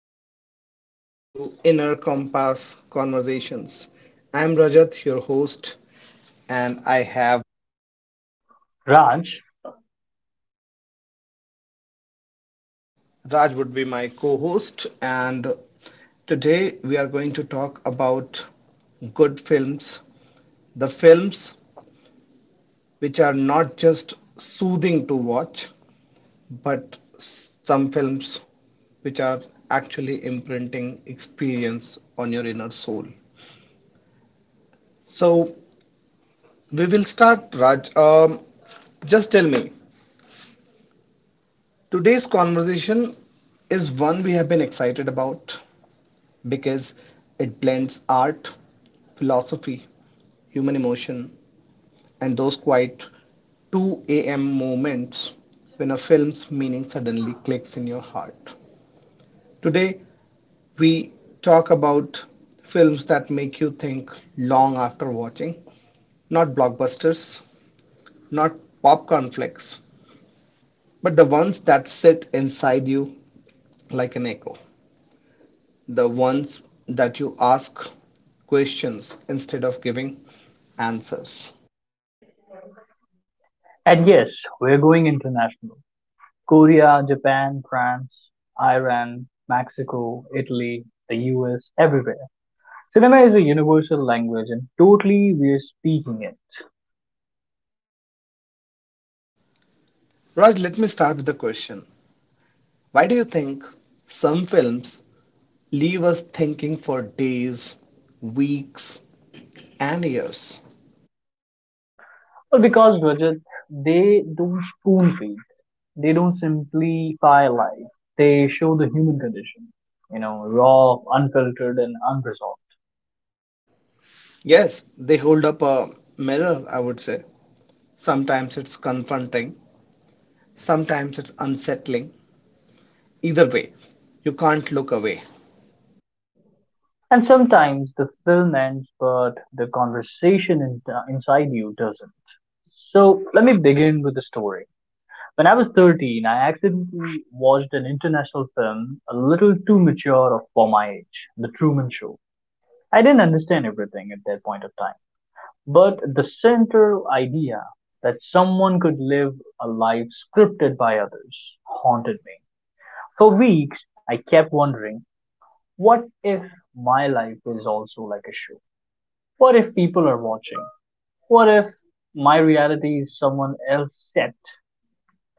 welcome back to Inner Compass Conversations. I'm Rajat, your host, and I have Raj, Raj would be my co host. And today we are going to talk about good films, the films which are not just soothing to watch, but some films which are actually imprinting experience on your inner soul. So, We will start, Raj. Just tell me, today's conversation is one we have been excited about because it blends art, philosophy, human emotion, and those quiet 2 a.m. moments when a film's meaning suddenly clicks in your heart. Today, we talk about films that make you think long after watching, not blockbusters, not popcorn flicks, but the ones that sit inside you like an echo, the ones that you ask questions instead of giving answers. and yes, we're going international. Korea, Japan, France, Iran, Mexico, Italy, the US, everywhere. Cinema is a universal language and totally we're speaking it. Raj, let me start with the question. Why do you think some films leave us thinking for days, weeks, and years? Well, because Rajat, they don't spoon feed. They don't simplify life. They show the human condition, you know, raw, unfiltered, and unresolved. Yes, they hold up a mirror, I would say. Sometimes it's confronting, sometimes it's unsettling. Either way, you can't look away. And sometimes the film ends, but the conversation inside you doesn't. So let me begin with the story. When I was 13, I accidentally watched an international film a little too mature for my age, The Truman Show. I didn't understand everything at that point of time, but the central idea that someone could live a life scripted by others haunted me. For weeks, I kept wondering what if my life is also like a show? What if people are watching? What if my reality is someone else's set?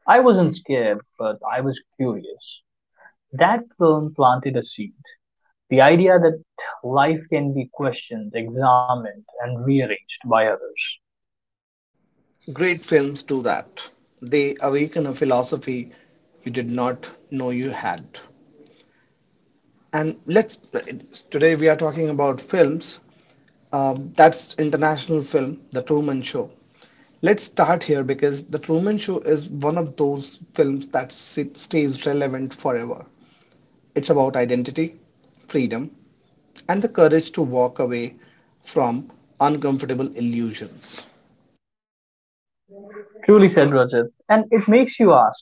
I wasn't scared, but I was curious. That film planted a seed. The idea that life can be questioned, examined, and rearranged by others. Great films do that. They awaken a philosophy you did not know you had. And let's today we are talking about films. That's international film, The Truman Show. Let's start here because The Truman Show is one of those films that stays relevant forever. It's about identity, freedom, and the courage to walk away from uncomfortable illusions. Truly said, Rajat. And it makes you ask,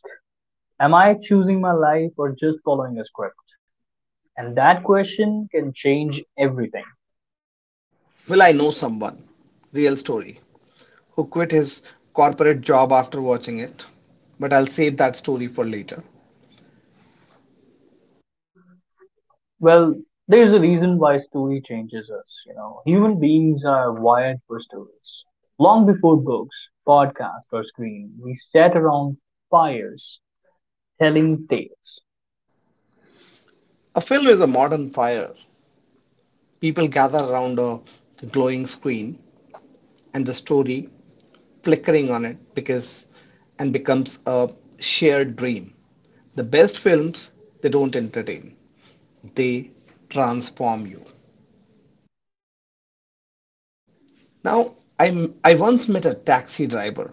am I choosing my life or just following a script? And that question can change everything. Well, I know someone. Real story. Who quit his corporate job after watching it. But I'll save that story for later. Well, there's a reason why story changes us, you know. Human beings are wired for stories. Long before books, podcasts, or screen, we sat around fires telling tales. A film is a modern fire. People gather around a glowing screen and the story flickering on it because and becomes a shared dream. The best films, they don't entertain. They transform you. Now, I once met a taxi driver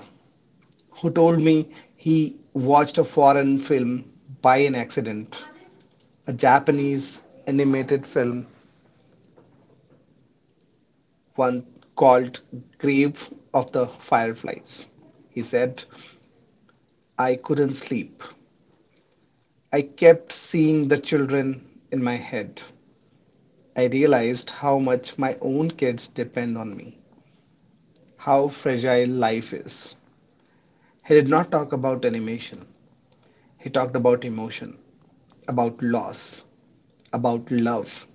who told me he watched a foreign film by an accident, a Japanese animated film, one called Grave of the Fireflies. He said, I couldn't sleep. I kept seeing the children in my head. I realized how much my own kids depend on me, how fragile life is. He did not talk about animation, he talked about emotion, about loss, about love.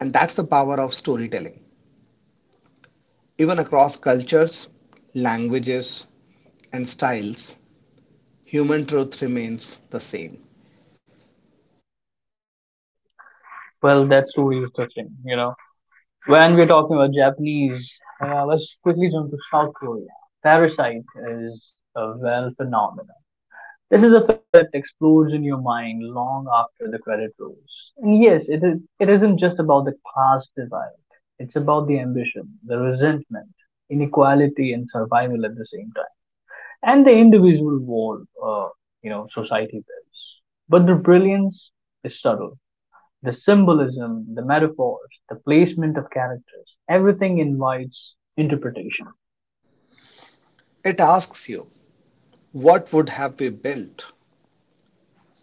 And that's the power of storytelling. Even across cultures, languages, and styles, human truth remains the same. Well, that story is the thing, you know. When we're talking about Japanese, let's quickly jump to South Korea. Parasite is a well phenomenon. This is a film that explodes in your mind long after the credit rolls. And yes, it is. It isn't just about the class divide. It's about the ambition, the resentment, inequality, and survival at the same time, and the individual war, you know, society builds. But the brilliance is subtle. The symbolism, the metaphors, the placement of characters, everything invites interpretation. It asks you, what would have we built?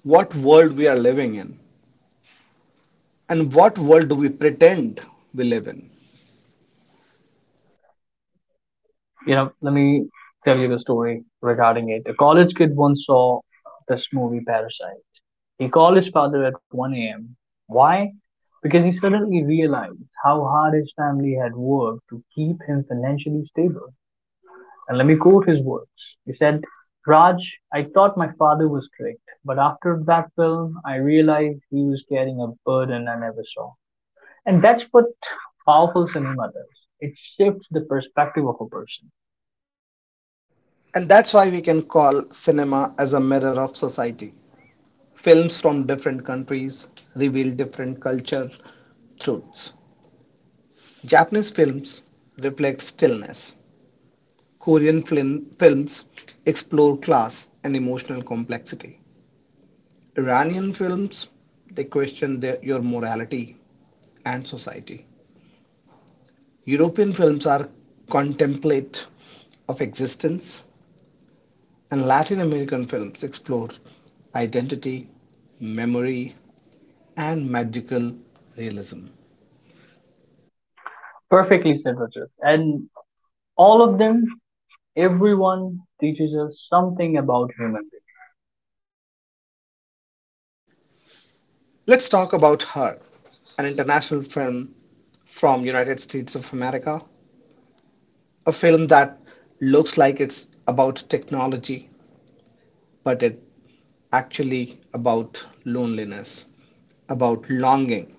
What world we are living in? And what world do we pretend we live in? You know, let me tell you the story regarding it. A college kid once saw this movie Parasite. He called his father at 1 a.m. Why? Because he suddenly realized how hard his family had worked to keep him financially stable. And let me quote his words. He said, Raj, I thought my father was strict, but after that film, I realized he was carrying a burden I never saw. And that's what powerful cinema does. It shifts the perspective of a person. And that's why we can call cinema as a mirror of society. Films from different countries reveal different culture truths. Japanese films reflect stillness. Korean films explore class and emotional complexity. Iranian films they question your morality and society. European films are contemplate of existence, and Latin American films explore identity, memory, and magical realism. Perfectly said, Rajat. And all of them, everyone teaches us something about human beings. Let's talk about her, an international film from United States of America, a film that looks like it's about technology, but it's actually about loneliness, about longing,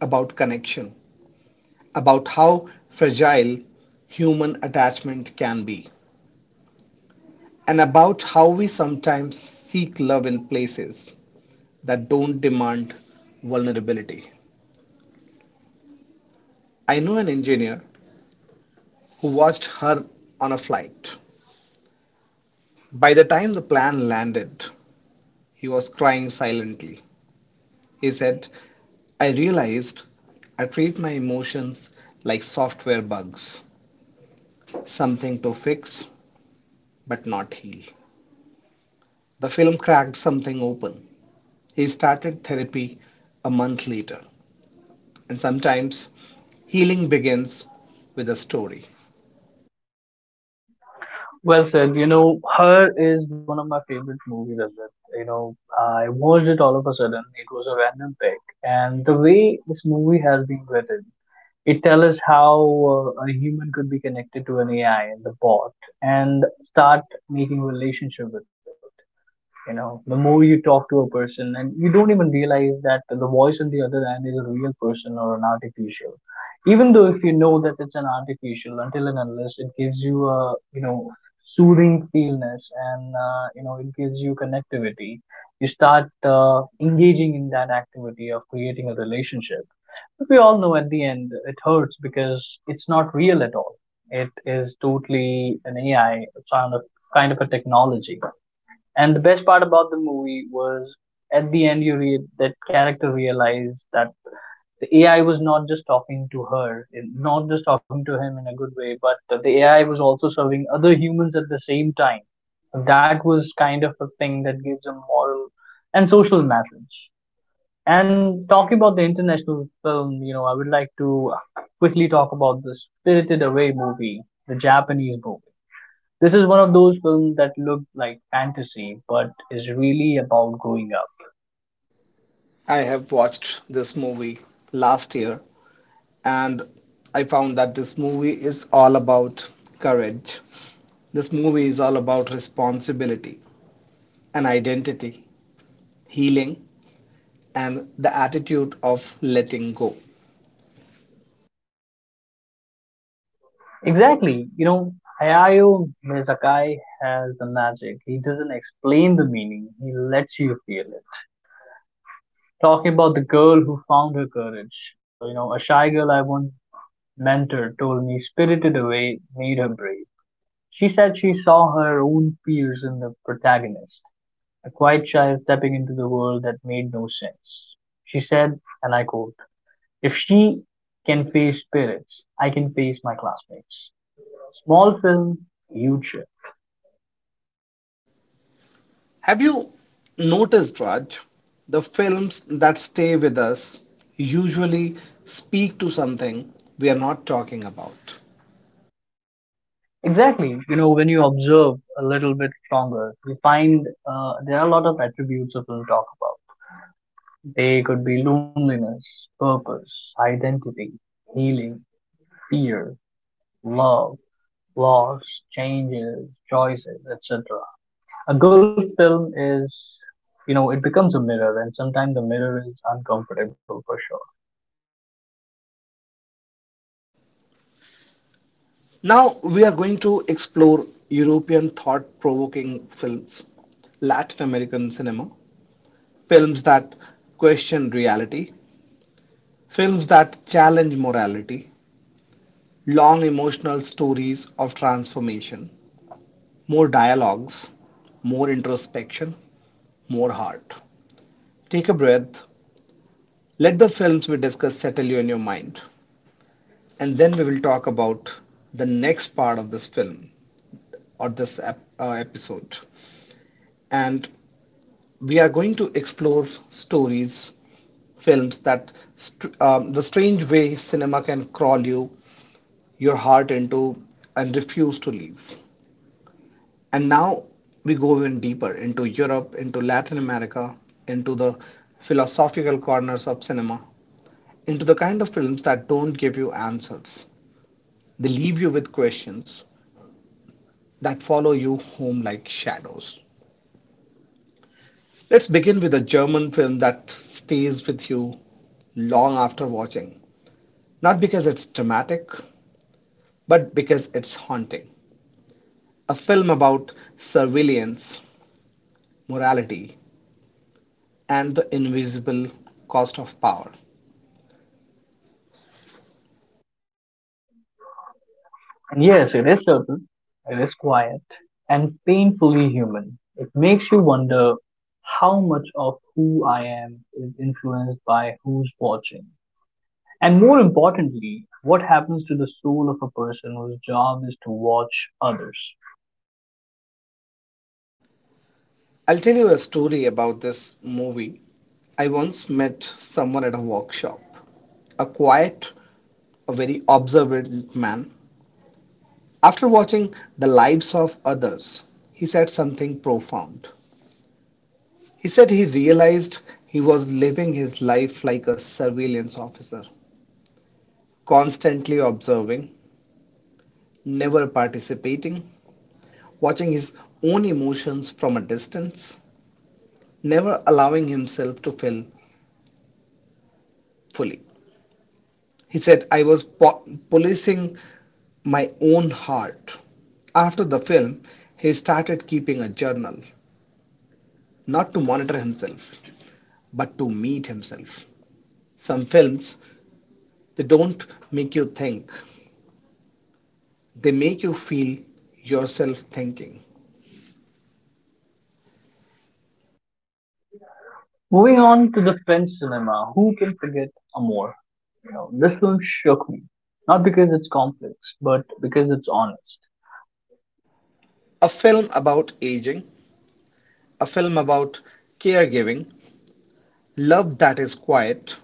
about connection, about how fragile human attachment can be, and about how we sometimes seek love in places that don't demand vulnerability. I know an engineer who watched her on a flight. By the time the plane landed, he was crying silently. He said, I realized I treat my emotions like software bugs, something to fix but not heal. The film cracked something open. He started therapy a month later, and sometimes healing begins with a story. Well said. You know, Her is one of my favorite movies, Rajat. You know, I watched it all of a sudden. It was a random pick. And the way this movie has been written, it tells us how a human could be connected to an AI and the bot and start making relationship with it. You know, the more you talk to a person and you don't even realize that the voice on the other end is a real person or an artificial, even though if you know that it's an artificial, until and unless it gives you a, you know, soothing feelness and you know, it gives you connectivity, you start engaging in that activity of creating a relationship, but we all know at the end it hurts because it's not real at all. It is totally an AI, a kind of a technology. And the best part about the movie was, at the end, you read that character realized that the AI was not just talking to her, not just talking to him in a good way, but the AI was also serving other humans at the same time. That was kind of a thing that gives a moral and social message. And talking about the international film, you know, I would like to quickly talk about the Spirited Away movie, the Japanese movie. This is one of those films that look like fantasy but is really about growing up. I have watched this movie last year, and I found that this movie is all about courage. This movie is all about responsibility and identity, healing, and the attitude of letting go. Exactly. You know, Hayao Mizaki has the magic. He doesn't explain the meaning, he lets you feel it. Talking about the girl who found her courage, you know, a shy girl I once mentored told me Spirited Away made her brave. She said she saw her own fears in the protagonist, a quiet child stepping into the world that made no sense. She said, and I quote, "If she can face parents, I can face my classmates." Small film, huge shift. Have you noticed, Raj? The films that stay with us usually speak to something we are not talking about. Exactly. You know, when you observe a little bit longer, you find there are a lot of attributes of will talk about. They could be loneliness, purpose, identity, healing, fear, love, loss, changes, choices, etc. A good film is, you know, it becomes a mirror, and sometimes the mirror is uncomfortable for sure. Now we are going to explore European thought provoking films, Latin American cinema, films that question reality, films that challenge morality, long emotional stories of transformation, more dialogues, more introspection, more heart. Take a breath. Let the films we discuss settle you in your mind. And then we will talk about the next part of this film or this episode. And we are going to explore stories, films that the strange way cinema can crawl you, your heart into, and refuse to leave. And now we go even deeper into Europe, into Latin America, into the philosophical corners of cinema, into the kind of films that don't give you answers. They leave you with questions that follow you home like shadows. Let's begin with a German film that stays with you long after watching. Not because it's dramatic, but because it's haunting. A film about surveillance, morality, and the invisible cost of power. Yes, it is subtle, it is quiet, and painfully human. It makes you wonder how much of who I am is influenced by who's watching. And more importantly, what happens to the soul of a person whose job is to watch others. I'll tell you a story about this movie. I once met someone at a workshop. A quiet, a very observant man. After watching The Lives of Others, he said something profound. He said he realized he was living his life like a surveillance officer, constantly observing, never participating, watching his own emotions from a distance, never allowing himself to feel fully. He said, I was policing my own heart. After the film, he started keeping a journal, not to monitor himself, but to meet himself. Some films, they don't make you think, they make you feel yourself thinking. Moving on to the French cinema, who can forget Amour? You know, this film shook me. Not because it's complex, but because it's honest. A film about aging, a film about caregiving, love that is quiet,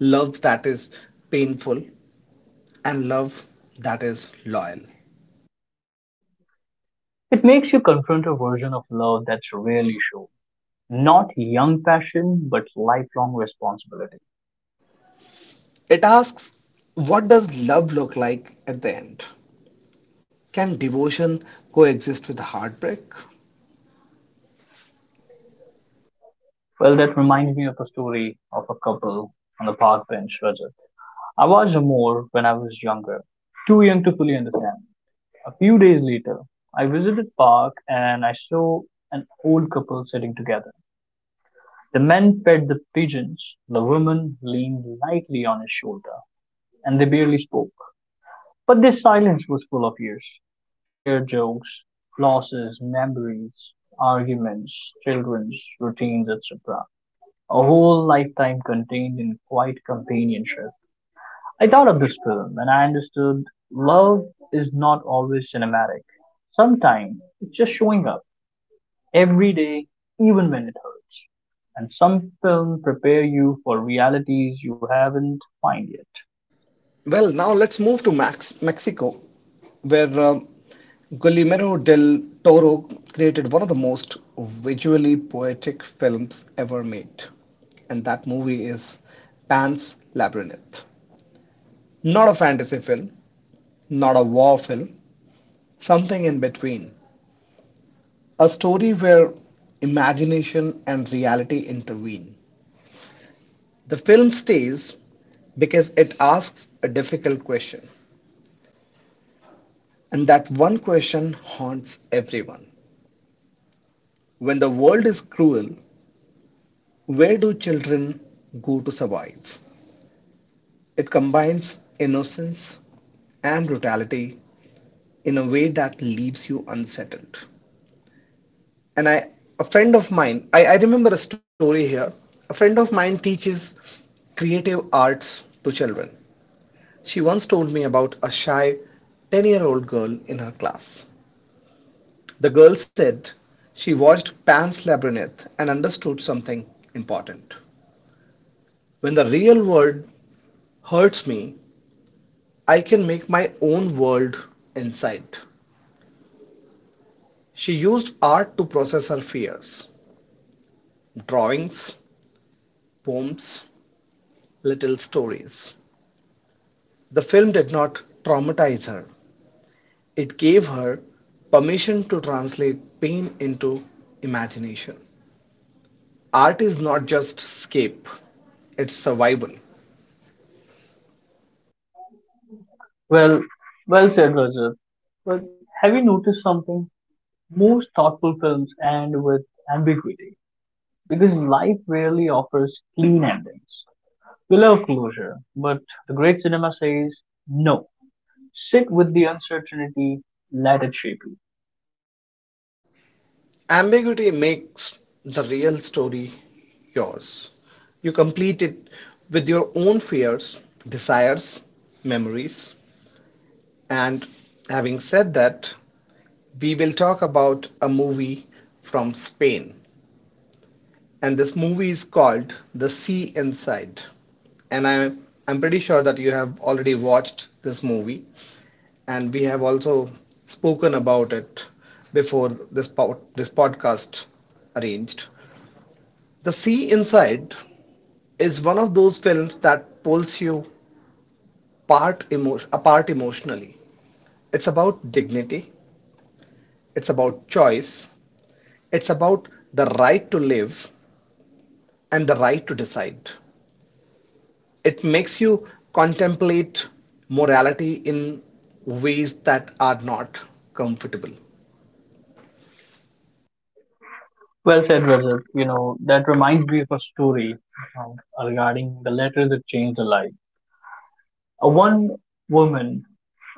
love that is painful, and love that is loyal. It makes you confront a version of love that's rarely shown. Not young passion, but lifelong responsibility. It asks, what does love look like at the end? Can devotion coexist with heartbreak? Well, that reminds me of a story of a couple on the park bench, Rajat. I watched more when I was younger, too young to fully understand. A few days later, I visited park and I saw an old couple sitting together. The man fed the pigeons, the woman leaned lightly on his shoulder, and they barely spoke. But this silence was full of years. Shared jokes, losses, memories, arguments, children's routines, etc. A whole lifetime contained in quiet companionship. I thought of this film and I understood love is not always cinematic. Sometimes it's just showing up every day, even when it hurts. And some films prepare you for realities you haven't found yet. Well, now let's move to Max Mexico, where Guillermo del Toro created one of the most visually poetic films ever made, and that movie is Pan's Labyrinth. Not a fantasy film, not a war film, something in between. A story where imagination and reality intervene. The film stays because it asks a difficult question, and that one question haunts everyone. When the world is cruel, where do children go to survive? It combines innocence and brutality in a way that leaves you unsettled. And a friend of mine, I remember a story here. A friend of mine teaches creative arts to children. She once told me about a shy 10-year-old girl in her class. The girl said she watched Pan's Labyrinth and understood something important. When the real world hurts me, I can make my own world inside. She used art to process her fears, drawings, poems, little stories. The film did not traumatize her, it gave her permission to translate pain into imagination. Art is not just escape, it's survival. Well, well, said, Rajat. But have you noticed something? Most thoughtful films end with ambiguity because life rarely offers clean endings. We love closure, but the great cinema says no. Sit with the uncertainty, let it shape you. Ambiguity makes the real story yours. You complete it with your own fears, desires, memories. And having said that, we will talk about a movie from Spain. And this movie is called The Sea Inside. And I'm pretty sure that you have already watched this movie. And we have also spoken about it before this podcast arranged. The Sea Inside is one of those films that pulls you apart emotionally. It's about dignity, it's about choice, it's about the right to live and the right to decide. It makes you contemplate morality in ways that are not comfortable. Well said, Rajat. You know, that reminds me of a story um, regarding the letter that changed a life. A one woman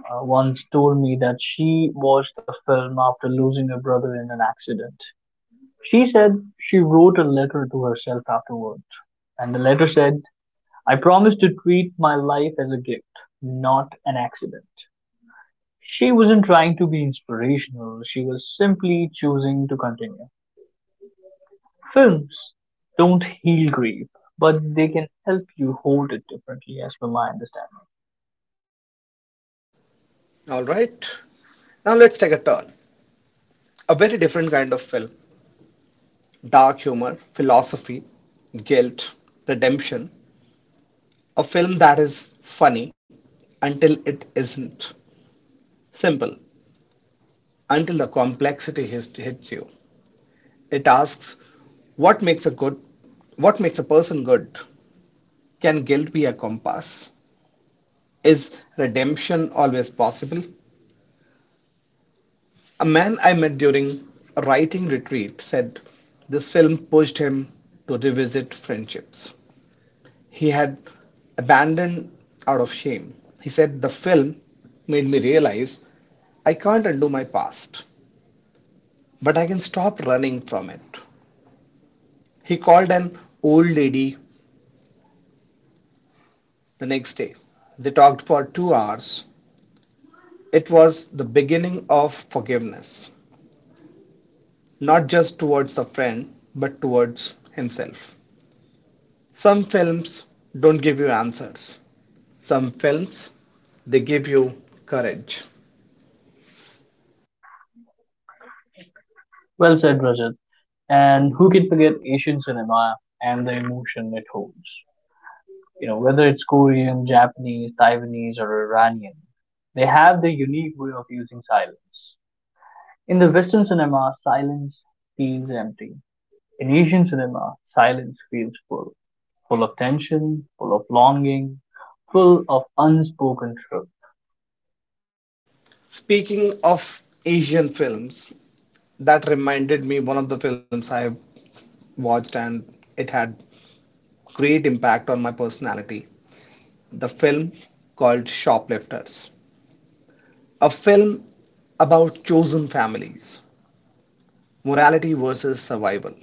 once told me that she watched the film after losing her brother in an accident. She said she wrote a letter to herself afterwards, and the letter said, "I promised to treat my life as a gift, not an accident." She wasn't trying to be inspirational, she was simply choosing to continue. Films don't heal grief, but they can help you hold it differently, as per my understanding. All right, now let's take a turn. A very different kind of film, dark humor, philosophy, guilt, redemption, a film that is funny until it isn't, simple until the complexity hits you. It asks, what makes a good what makes a person good? Can guilt be a compass? Is redemption always possible? A man I met during a writing retreat said this film pushed him to revisit friendships he had abandoned out of shame. He said, the film made me realize I can't undo my past, but I can stop running from it. He called an old lady the next day. They talked for 2 hours. It was the beginning of forgiveness, not just towards the friend, but towards himself. Some films don't give you answers, some films they give you courage. Well said, Rajat. And who can forget Asian cinema and the emotion it holds? You know, whether it's Korean, Japanese, Taiwanese, or Iranian, they have their unique way of using silence. In the Western cinema, silence feels empty. In Asian cinema, silence feels full, full of tension, full of longing, full of unspoken truth. Speaking of Asian films, that reminded me one of the films I watched and it had great impact on my personality. The film called Shoplifters. A film about chosen families, morality versus survival.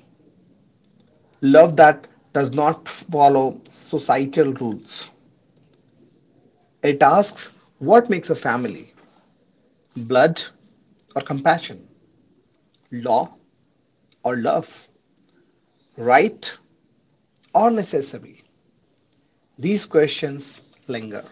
Love that does not follow societal rules. It asks, what makes a family? Blood or compassion? Law or love? Right or necessary? These questions linger.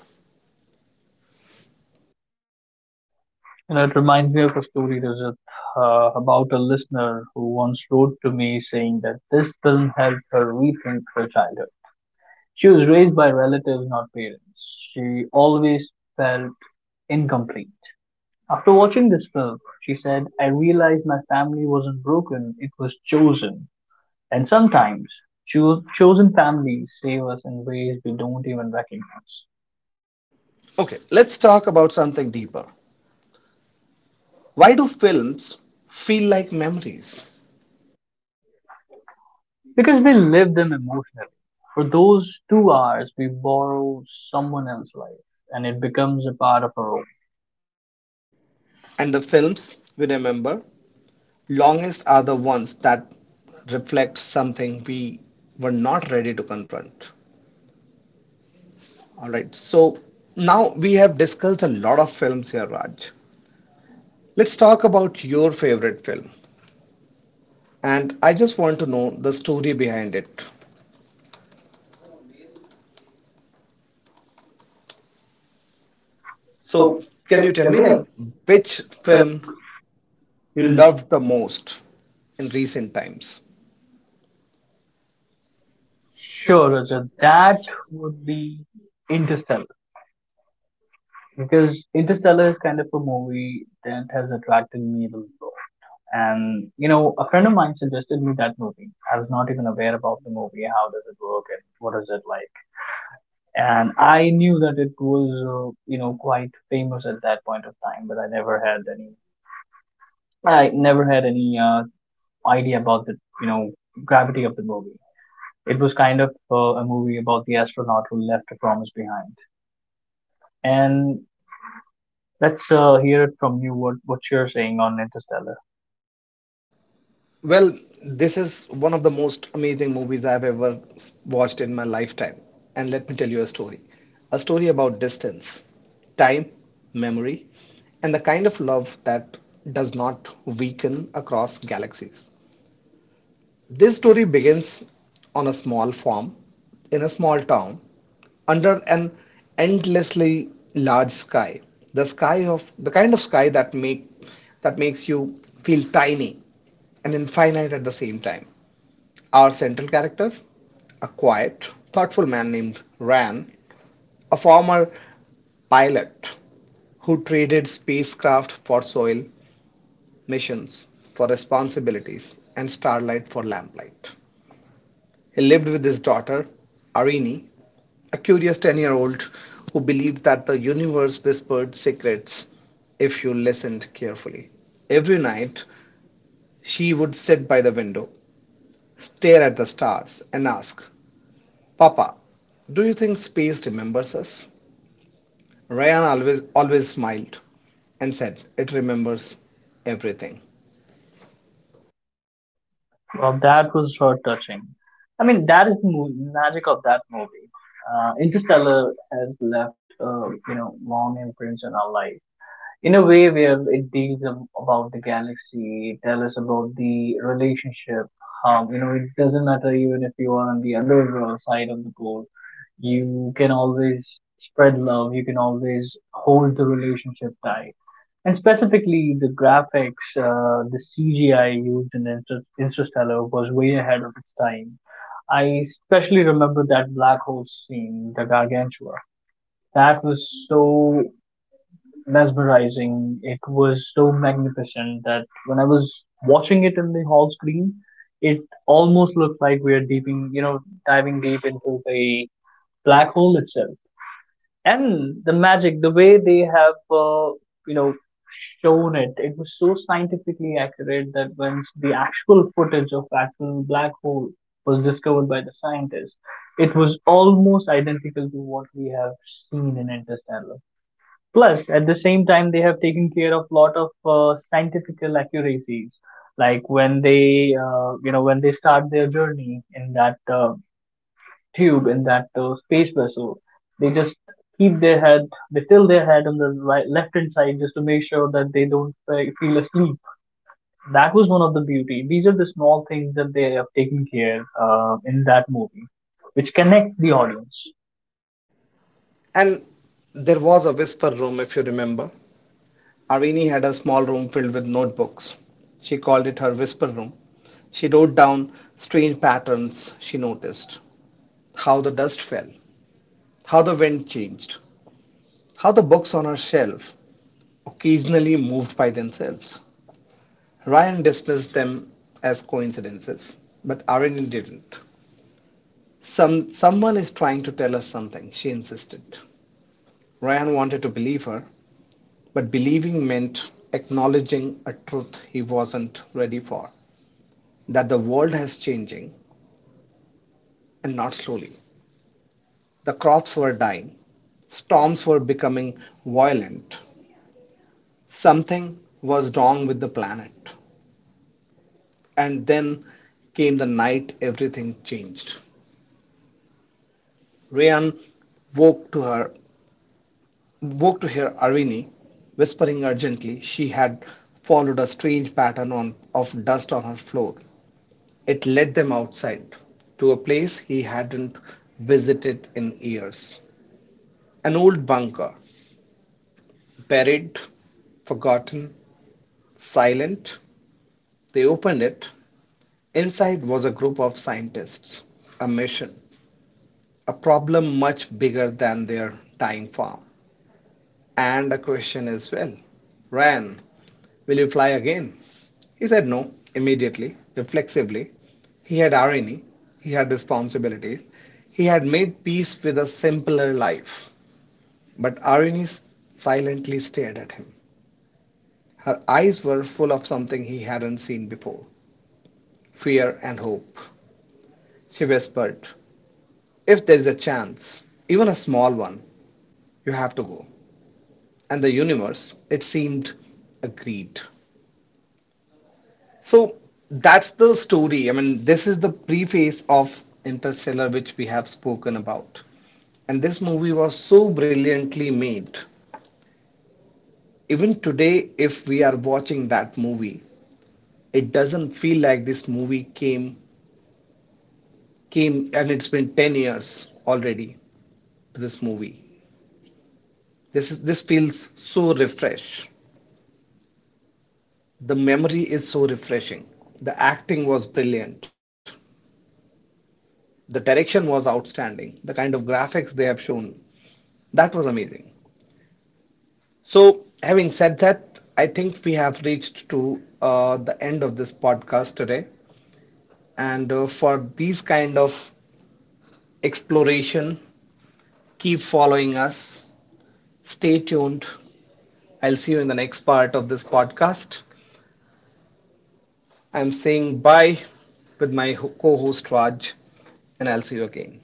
You know, it reminds me of a story about a listener who once wrote to me saying that this film helped her rethink her childhood. She was raised by relatives, not parents. She always felt incomplete. After watching this film, she said, I realized my family wasn't broken, it was chosen. And sometimes, chosen families save us in ways we don't even recognize Okay, let's talk about something deeper. Why do films feel like memories? because we live them emotionally. For those 2 hours, we borrow someone else's life and it becomes a part of our own. And the films we remember longest are the ones that reflect something we were not ready to confront. All right, so now we have discussed a lot of films here, Raj. Let's talk about your favorite film. And I just want to know the story behind it. So, So can can you you tell tell me, me like like, which which film film you you. loved the most in recent times? Sure, Rajat, that would be Interstellar, because Interstellar is kind of a movie that has attracted me a lot. And you know, a friend of mine suggested me that movie. I was not even aware about the movie. How does it work and what is it like? And I knew that it was, you know, quite famous at that point of time, but I never had any, I never had any uh, idea about the, you know, gravity of the movie. It was kind of a movie about the astronaut who left a promise behind. And let's hear it from you. What you're saying on Interstellar? Well, this is one of the most amazing movies I've ever watched in my lifetime. And let me tell you a story, a story about distance, time, memory, and the kind of love that does not weaken across galaxies. This story begins on a small farm in a small town under an endlessly large sky. The sky of the kind of sky that make that makes you feel tiny and infinite at the same time. Our central character, a quiet, thoughtful man named Ran, a former pilot who traded spacecraft for soil missions, for responsibilities, and starlight for lamplight. He lived with his daughter, Arini, a curious 10-year-old who believed that the universe whispered secrets if you listened carefully. Every night, she would sit by the window, stare at the stars, and ask, Papa, do you think space remembers us? Ryan always, always smiled and said, it remembers everything. Well, that was so touching. I mean, that is the magic of that movie. Interstellar has left, you know, long imprints on our life in a way where it deals about the galaxy, tell us about the relationship. You know, it doesn't matter even if you are on the other side of the pole, you can always spread love. You can always hold the relationship tight, and specifically, the graphics, the CGI used in Interstellar was way ahead of its time. I especially remember that black hole scene, the Gargantua. That was so mesmerizing. It was so magnificent that when I was watching it in the hall screen, it almost looked like we are deeping, you know, diving deep into the black hole itself. And the magic, the way they have you know, shown it, it was so scientifically accurate that once the actual footage of actual black hole was discovered by the scientists, it was almost identical to what we have seen in Interstellar. Plus at the same time, they have taken care of lot of scientifical accuracies, like when they you know, when they start their journey in that tube, in that space vessel. They just keep their head, they tilt their head on the right, left hand side just to make sure that they don't feel asleep. That was one of the beauty. These are the small things that they have taken care in that movie, which connect the audience. And there was a whisper room, if you remember. Arini had a small room filled with notebooks. She called it her whisper room. She wrote down strange patterns she noticed, how the dust fell, how the wind changed, how the books on her shelf occasionally moved by themselves. Ryan dismissed them as coincidences, but Irene didn't. Someone is trying to tell us something, she insisted. Ryan wanted to believe her, but believing meant acknowledging a truth he wasn't ready for, that the world has changing and not slowly. The crops were dying, storms were becoming violent. Something was wrong with the planet. And then came the night everything changed. Ryan woke to her woke to hear Arvini whispering urgently. She had followed a strange pattern of dust on her floor. It led them outside to a place he hadn't visited in years. An old bunker, buried, forgotten, silent. They opened it. Inside was a group of scientists, a mission, a problem much bigger than their tiny farm, and a question as well. Ran, will you fly again? He said no, immediately, reflexively. He had irony, he had responsibilities, he had made peace with a simpler life. But Irene silently stared at him. Her eyes were full of something he hadn't seen before, fear and hope. She whispered, if there is a chance, even a small one, you have to go. And the universe, it seemed, agreed. So that's the story. I mean, this is the preface of Interstellar, which we have spoken about. And this movie was so brilliantly made. Even today, if we are watching that movie, it doesn't feel like this movie came and it's been 10 years already to this movie. This feels so refresh. The memory is so refreshing. The acting was brilliant. The direction was outstanding. The kind of graphics they have shown, that was amazing. So, having said that, I think we have reached to the end of this podcast today. And for these kind of exploration, keep following us. Stay tuned. I'll see you in the next part of this podcast. I'm saying bye with my co host Raj, and I'll see you again.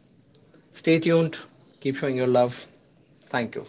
Stay tuned. Keep showing your love. Thank you.